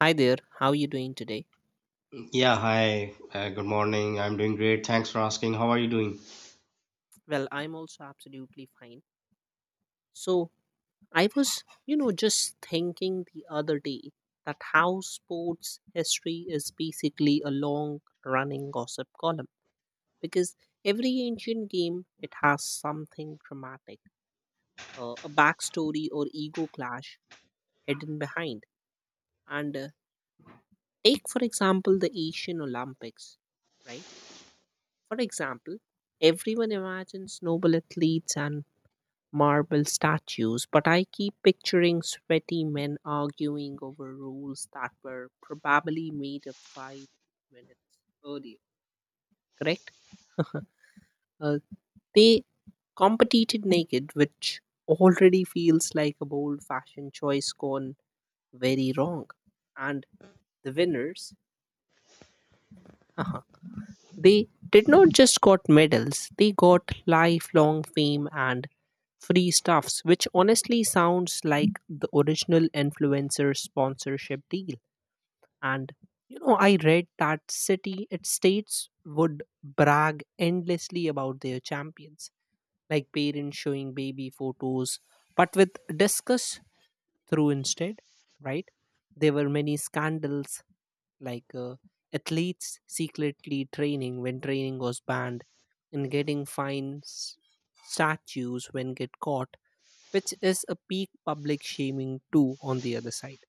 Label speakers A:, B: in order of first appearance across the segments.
A: Hi there, how are you doing today?
B: Yeah, hi. Good morning. I'm doing great. Thanks for asking. How are you doing?
A: Well, I'm also absolutely fine. So, I was, you know, just thinking the other day that how sports history is basically a long running gossip column because every ancient game it has something dramatic, a backstory or ego clash hidden behind. And take for example the Asian Olympics, right? For example, everyone imagines noble athletes and marble statues, but I keep picturing sweaty men arguing over rules that were probably made up 5 minutes earlier. Correct? Uh, they competed naked, which already feels like a bold fashion choice gone very wrong. And the winners, they did not just got medals, they got lifelong fame and free stuffs, which honestly sounds like the original influencer sponsorship deal. And you know, I read that city it states would brag endlessly about their champions, like parents showing baby photos, but with discuss through instead, right? There were many scandals like athletes secretly training when training was banned and getting fines statues when get caught, which is a peak public shaming too on the other side.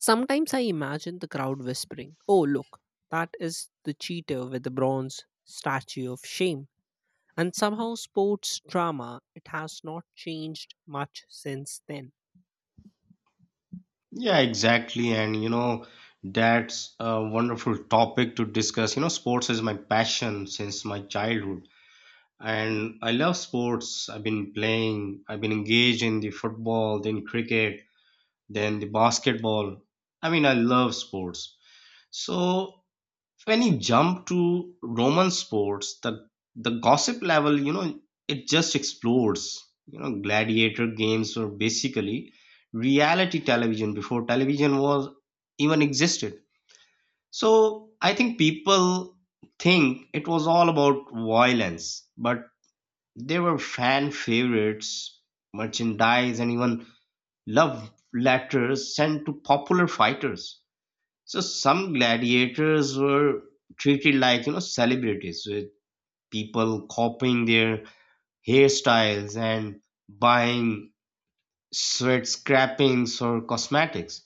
A: Sometimes I imagine the crowd whispering, "Oh, look, that is the cheater with the bronze statue of shame." And somehow, sports drama, it has not changed much since then.
B: Yeah, exactly. And you know, that's a wonderful topic to discuss. You know, sports is my passion since my childhood. And I love sports. I've been playing, I've been engaged in the football, then cricket, then the basketball. I mean, I love sports. So So when you jump to Roman sports, the gossip level, you know, it just explodes. You know, gladiator games were basically reality television before television was even existed. So I think people think it was all about violence, but there were fan favorites, merchandise, and even love letters sent to popular fighters. So some gladiators were treated like, you know, celebrities with people copying their hairstyles and buying sweat scrapings or cosmetics.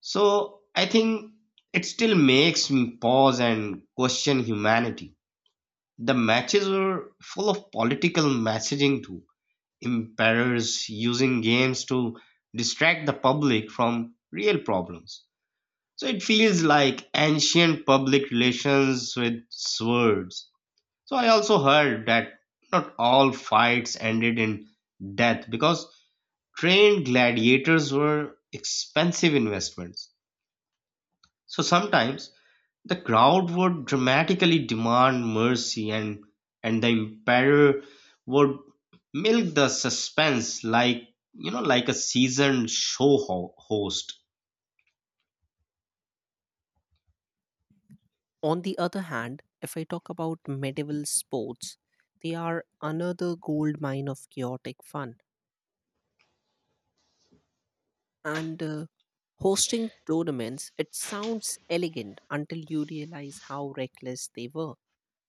B: So I think it still makes me pause and question humanity. The matches were full of political messaging too. Emperors using games to distract the public from real problems. So it feels like ancient public relations with swords. So I also heard that not all fights ended in death because trained gladiators were expensive investments. So sometimes the crowd would dramatically demand mercy and the emperor would milk the suspense like you know like a seasoned host.
A: On the other hand, if I talk about medieval sports, they are another gold mine of chaotic fun. And hosting tournaments it sounds elegant until you realize how reckless they were.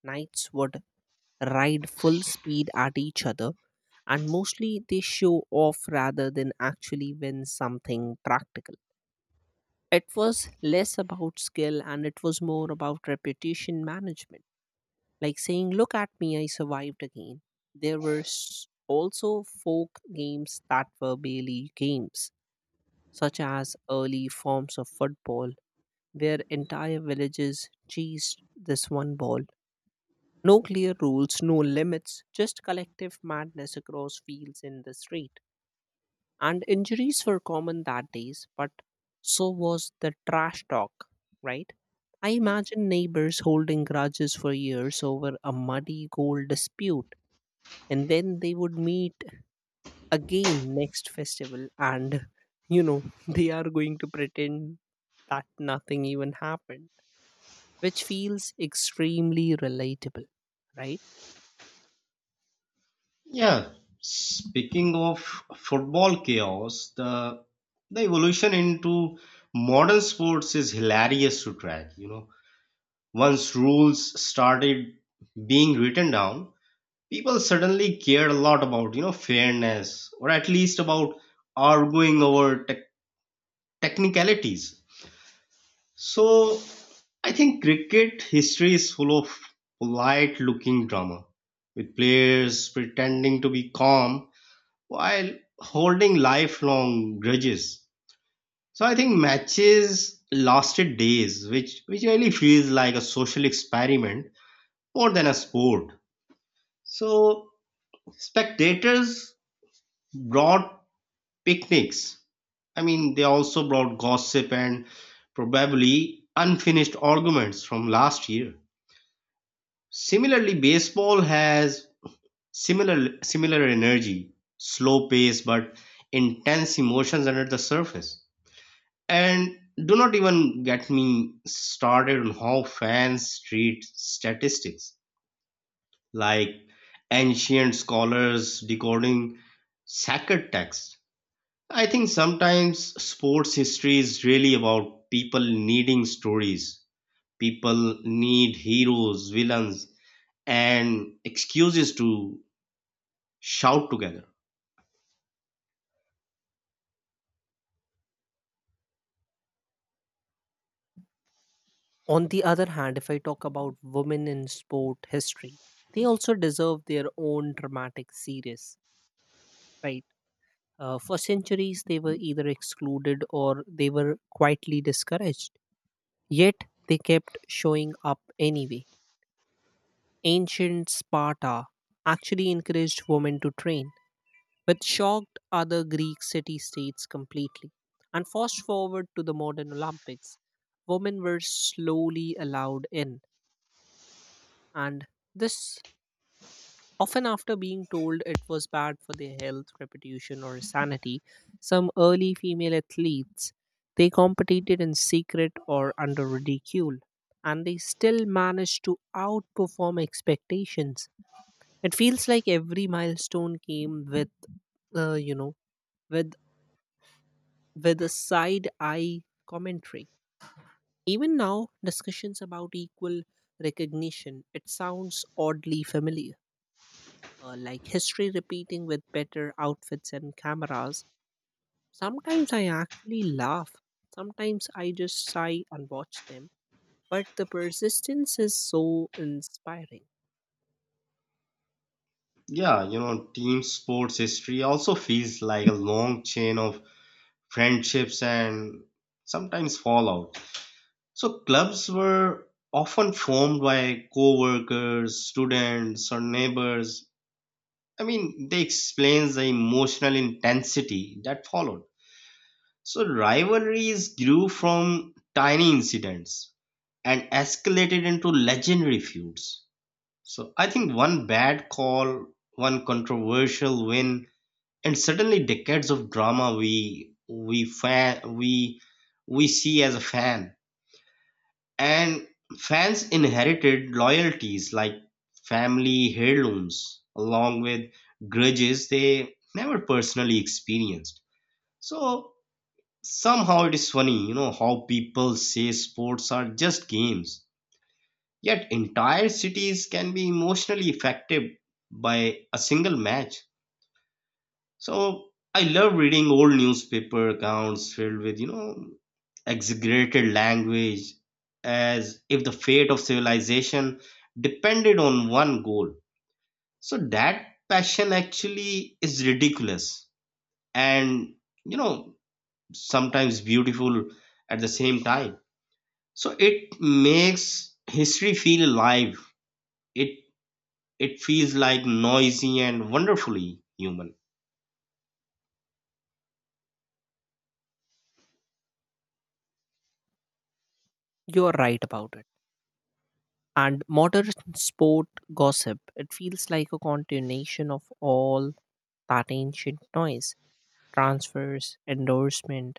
A: Knights would ride full speed at each other and mostly they show off rather than actually win something practical. It was less about skill and it was more about reputation management, like saying, "Look at me, I survived again." there were s- Also folk games that were barely games, such as early forms of football, where entire villages chased this one ball. No clear rules, no limits, just collective madness across fields in the street. And injuries were common that days, but so was the trash talk, right? I imagine neighbors holding grudges for years over a muddy goal dispute, and then they would meet again next festival and you know they are going to pretend that nothing even happened, which feels extremely relatable, right?
B: Yeah, speaking of football chaos, the evolution into modern sports is hilarious to track. You know, once rules started being written down, people suddenly cared a lot about, you know, fairness or at least about arguing over technicalities. So, I think cricket history is full of polite looking drama with players pretending to be calm while holding lifelong grudges. So I think matches lasted days, which really feels like a social experiment more than a sport. So spectators brought picnics. I mean, they also brought gossip and probably unfinished arguments from last year. Similarly, baseball has similar energy, slow pace but intense emotions under the surface. And do not even get me started on how fans treat statistics, like ancient scholars decoding sacred text. I think sometimes sports history is really about people needing stories. People need heroes, villains, and excuses to shout together.
A: On the other hand, if I talk about women in sport history, they also deserve their own dramatic series, right? For centuries they were either excluded or they were quietly discouraged, yet they kept showing up anyway. Ancient Sparta actually encouraged women to train, which shocked other Greek city states completely. And fast forward to the modern Olympics, women were slowly allowed in, and this often after being told it was bad for their health, reputation, or sanity. Some early female athletes they competed in secret or under ridicule, and they still managed to outperform expectations. It feels like every milestone came with, you know, with a side eye commentary. Even now, discussions about equal recognition, it sounds oddly familiar, like history repeating with better outfits and cameras. Sometimes I actually laugh, sometimes I just sigh and watch them, but the persistence is so inspiring.
B: Yeah, you know, team sports history also feels like a long chain of friendships, and sometimes fallout. So, clubs were often formed by co workers, students, or neighbors. I mean, they explains the emotional intensity that followed. So, rivalries grew from tiny incidents and escalated into legendary feuds. So, I think one bad call, one controversial win, and certainly decades of drama we see as a fan, and fans inherited loyalties like family heirlooms along with grudges they never personally experienced. So somehow it is funny, you know, how people say sports are just games, yet entire cities can be emotionally affected by a single match. So I love reading old newspaper accounts filled with, you know, exaggerated language as if the fate of civilization depended on one goal. So that passion actually is ridiculous and, you know, sometimes beautiful at the same time. So it makes history feel alive. It it feels like noisy and wonderfully human.
A: You're right about it. And modern sport gossip, it feels like a continuation of all that ancient noise. Transfers, endorsement,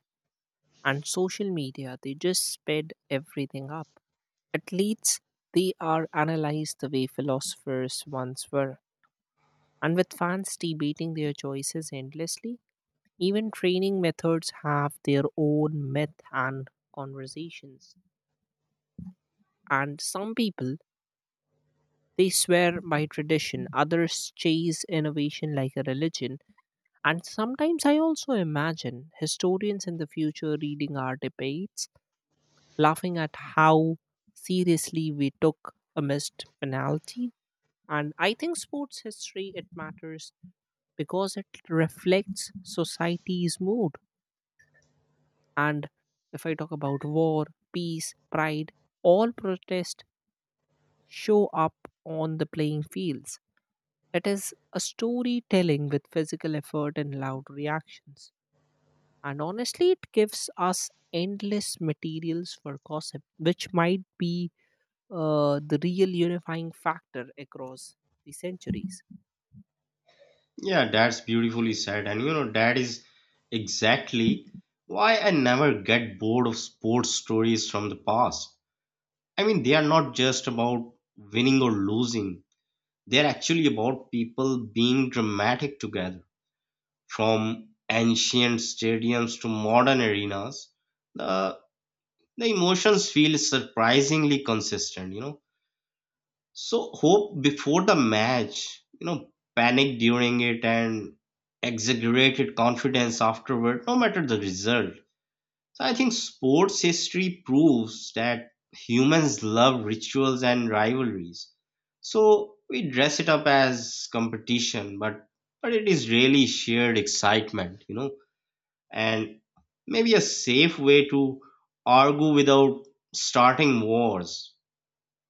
A: and social media, they just sped everything up. Athletes, they are analyzed the way philosophers once were. And with fans debating their choices endlessly, even training methods have their own myth and conversations. And some people, they swear by tradition, others chase innovation like a religion. And sometimes I also imagine historians in the future reading our debates, laughing at how seriously we took a missed penalty. And I think sports history it matters because it reflects society's mood. And if I talk about war, peace, pride, all protests show up on the playing fields. It is a storytelling with physical effort and loud reactions. And honestly, it gives us endless materials for gossip, which might be the real unifying factor across the centuries.
B: Yeah, that's beautifully said. And you know, that is exactly why I never get bored of sports stories from the past. I mean, they are not just about winning or losing, they're actually about people being dramatic together. From ancient stadiums to modern arenas, the, the emotions feel surprisingly consistent, you know. So hope before the match, you know, panic during it and exaggerated confidence afterward, no matter the result. So I think sports history proves that humans love rituals and rivalries. So we dress it up as competition, but it is really shared excitement, you know, and maybe a safe way to argue without starting wars.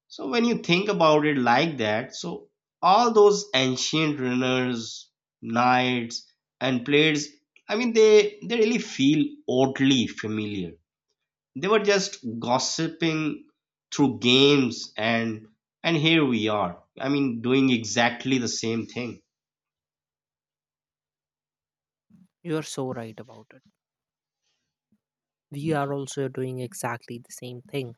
B: So when you think about it like that, so all those ancient runners, knights, and players, I mean, they really feel oddly familiar. They were just gossiping through games, and here we are. I mean, doing exactly the same thing.
A: You are so right about it. We are also doing exactly the same thing.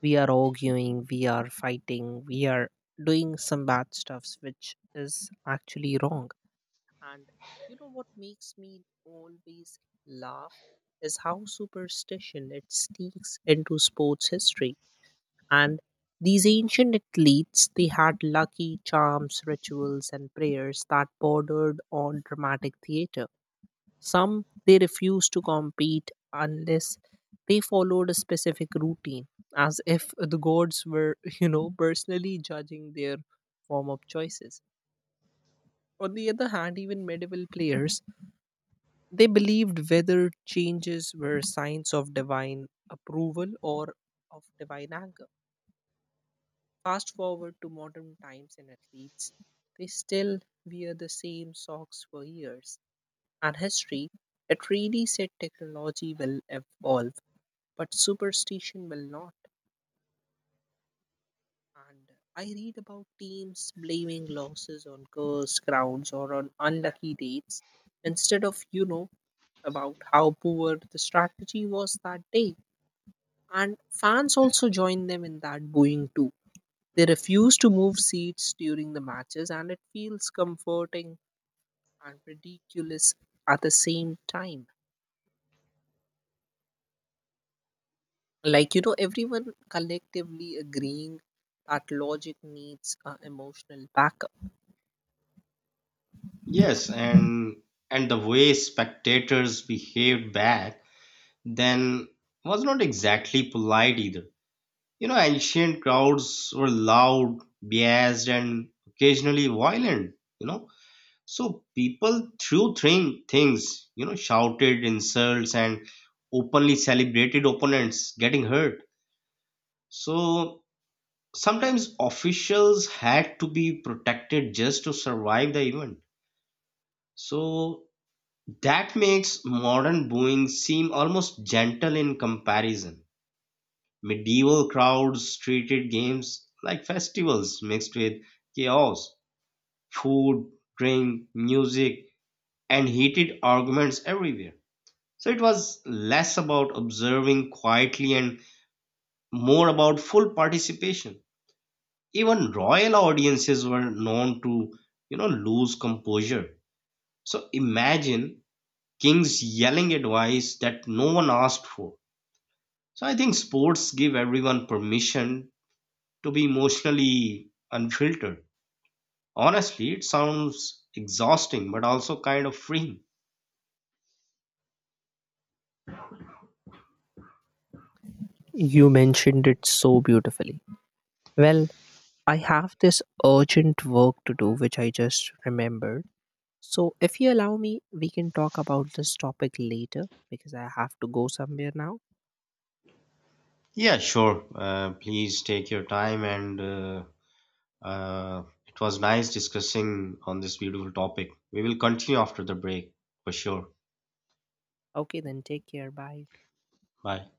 A: We are arguing, we are fighting, we are doing some bad stuffs, which is actually wrong. And you know what makes me always laugh is how superstition it sneaks into sports history. And these ancient athletes, they had lucky charms, rituals, and prayers that bordered on dramatic theater. Some they refused to compete unless they followed a specific routine, as if the gods were, you know, personally judging their form of choices. On the other hand, even medieval players, they believed weather changes were signs of divine approval or of divine anger. Fast forward to modern times and athletes, they still wear the same socks for years. And history, it really said technology will evolve, but superstition will not. And I read about teams blaming losses on cursed grounds or on unlucky dates instead of, you know, about how poor the strategy was that day. And fans also join them in that booing too. They refuse to move seats during the matches, and it feels comforting and ridiculous at the same time. Like, you know, everyone collectively agreeing that logic needs emotional backup.
B: Yes, and the way spectators behaved back then was not exactly polite either. You know, ancient crowds were loud, biased, and occasionally violent, you know. So people things, you know, shouted insults and openly celebrated opponents getting hurt. So sometimes officials had to be protected just to survive the event. So that makes modern booing seem almost gentle in comparison. Medieval crowds treated games like festivals mixed with chaos, food, drink, music, and heated arguments everywhere. So it was less about observing quietly and more about full participation. Even royal audiences were known to, you know, lose composure. So imagine kings yelling advice that no one asked for. So I think sports give everyone permission to be emotionally unfiltered. Honestly, it sounds exhausting, but also kind of freeing.
A: You mentioned it so beautifully. Well, I have this urgent work to do, which I just remembered. So, if you allow me, we can talk about this topic later because I have to go somewhere now.
B: Yeah, sure. Please take your time, and it was nice discussing on this beautiful topic. We will continue after the break for sure.
A: Okay, then take care. Bye.
B: Bye.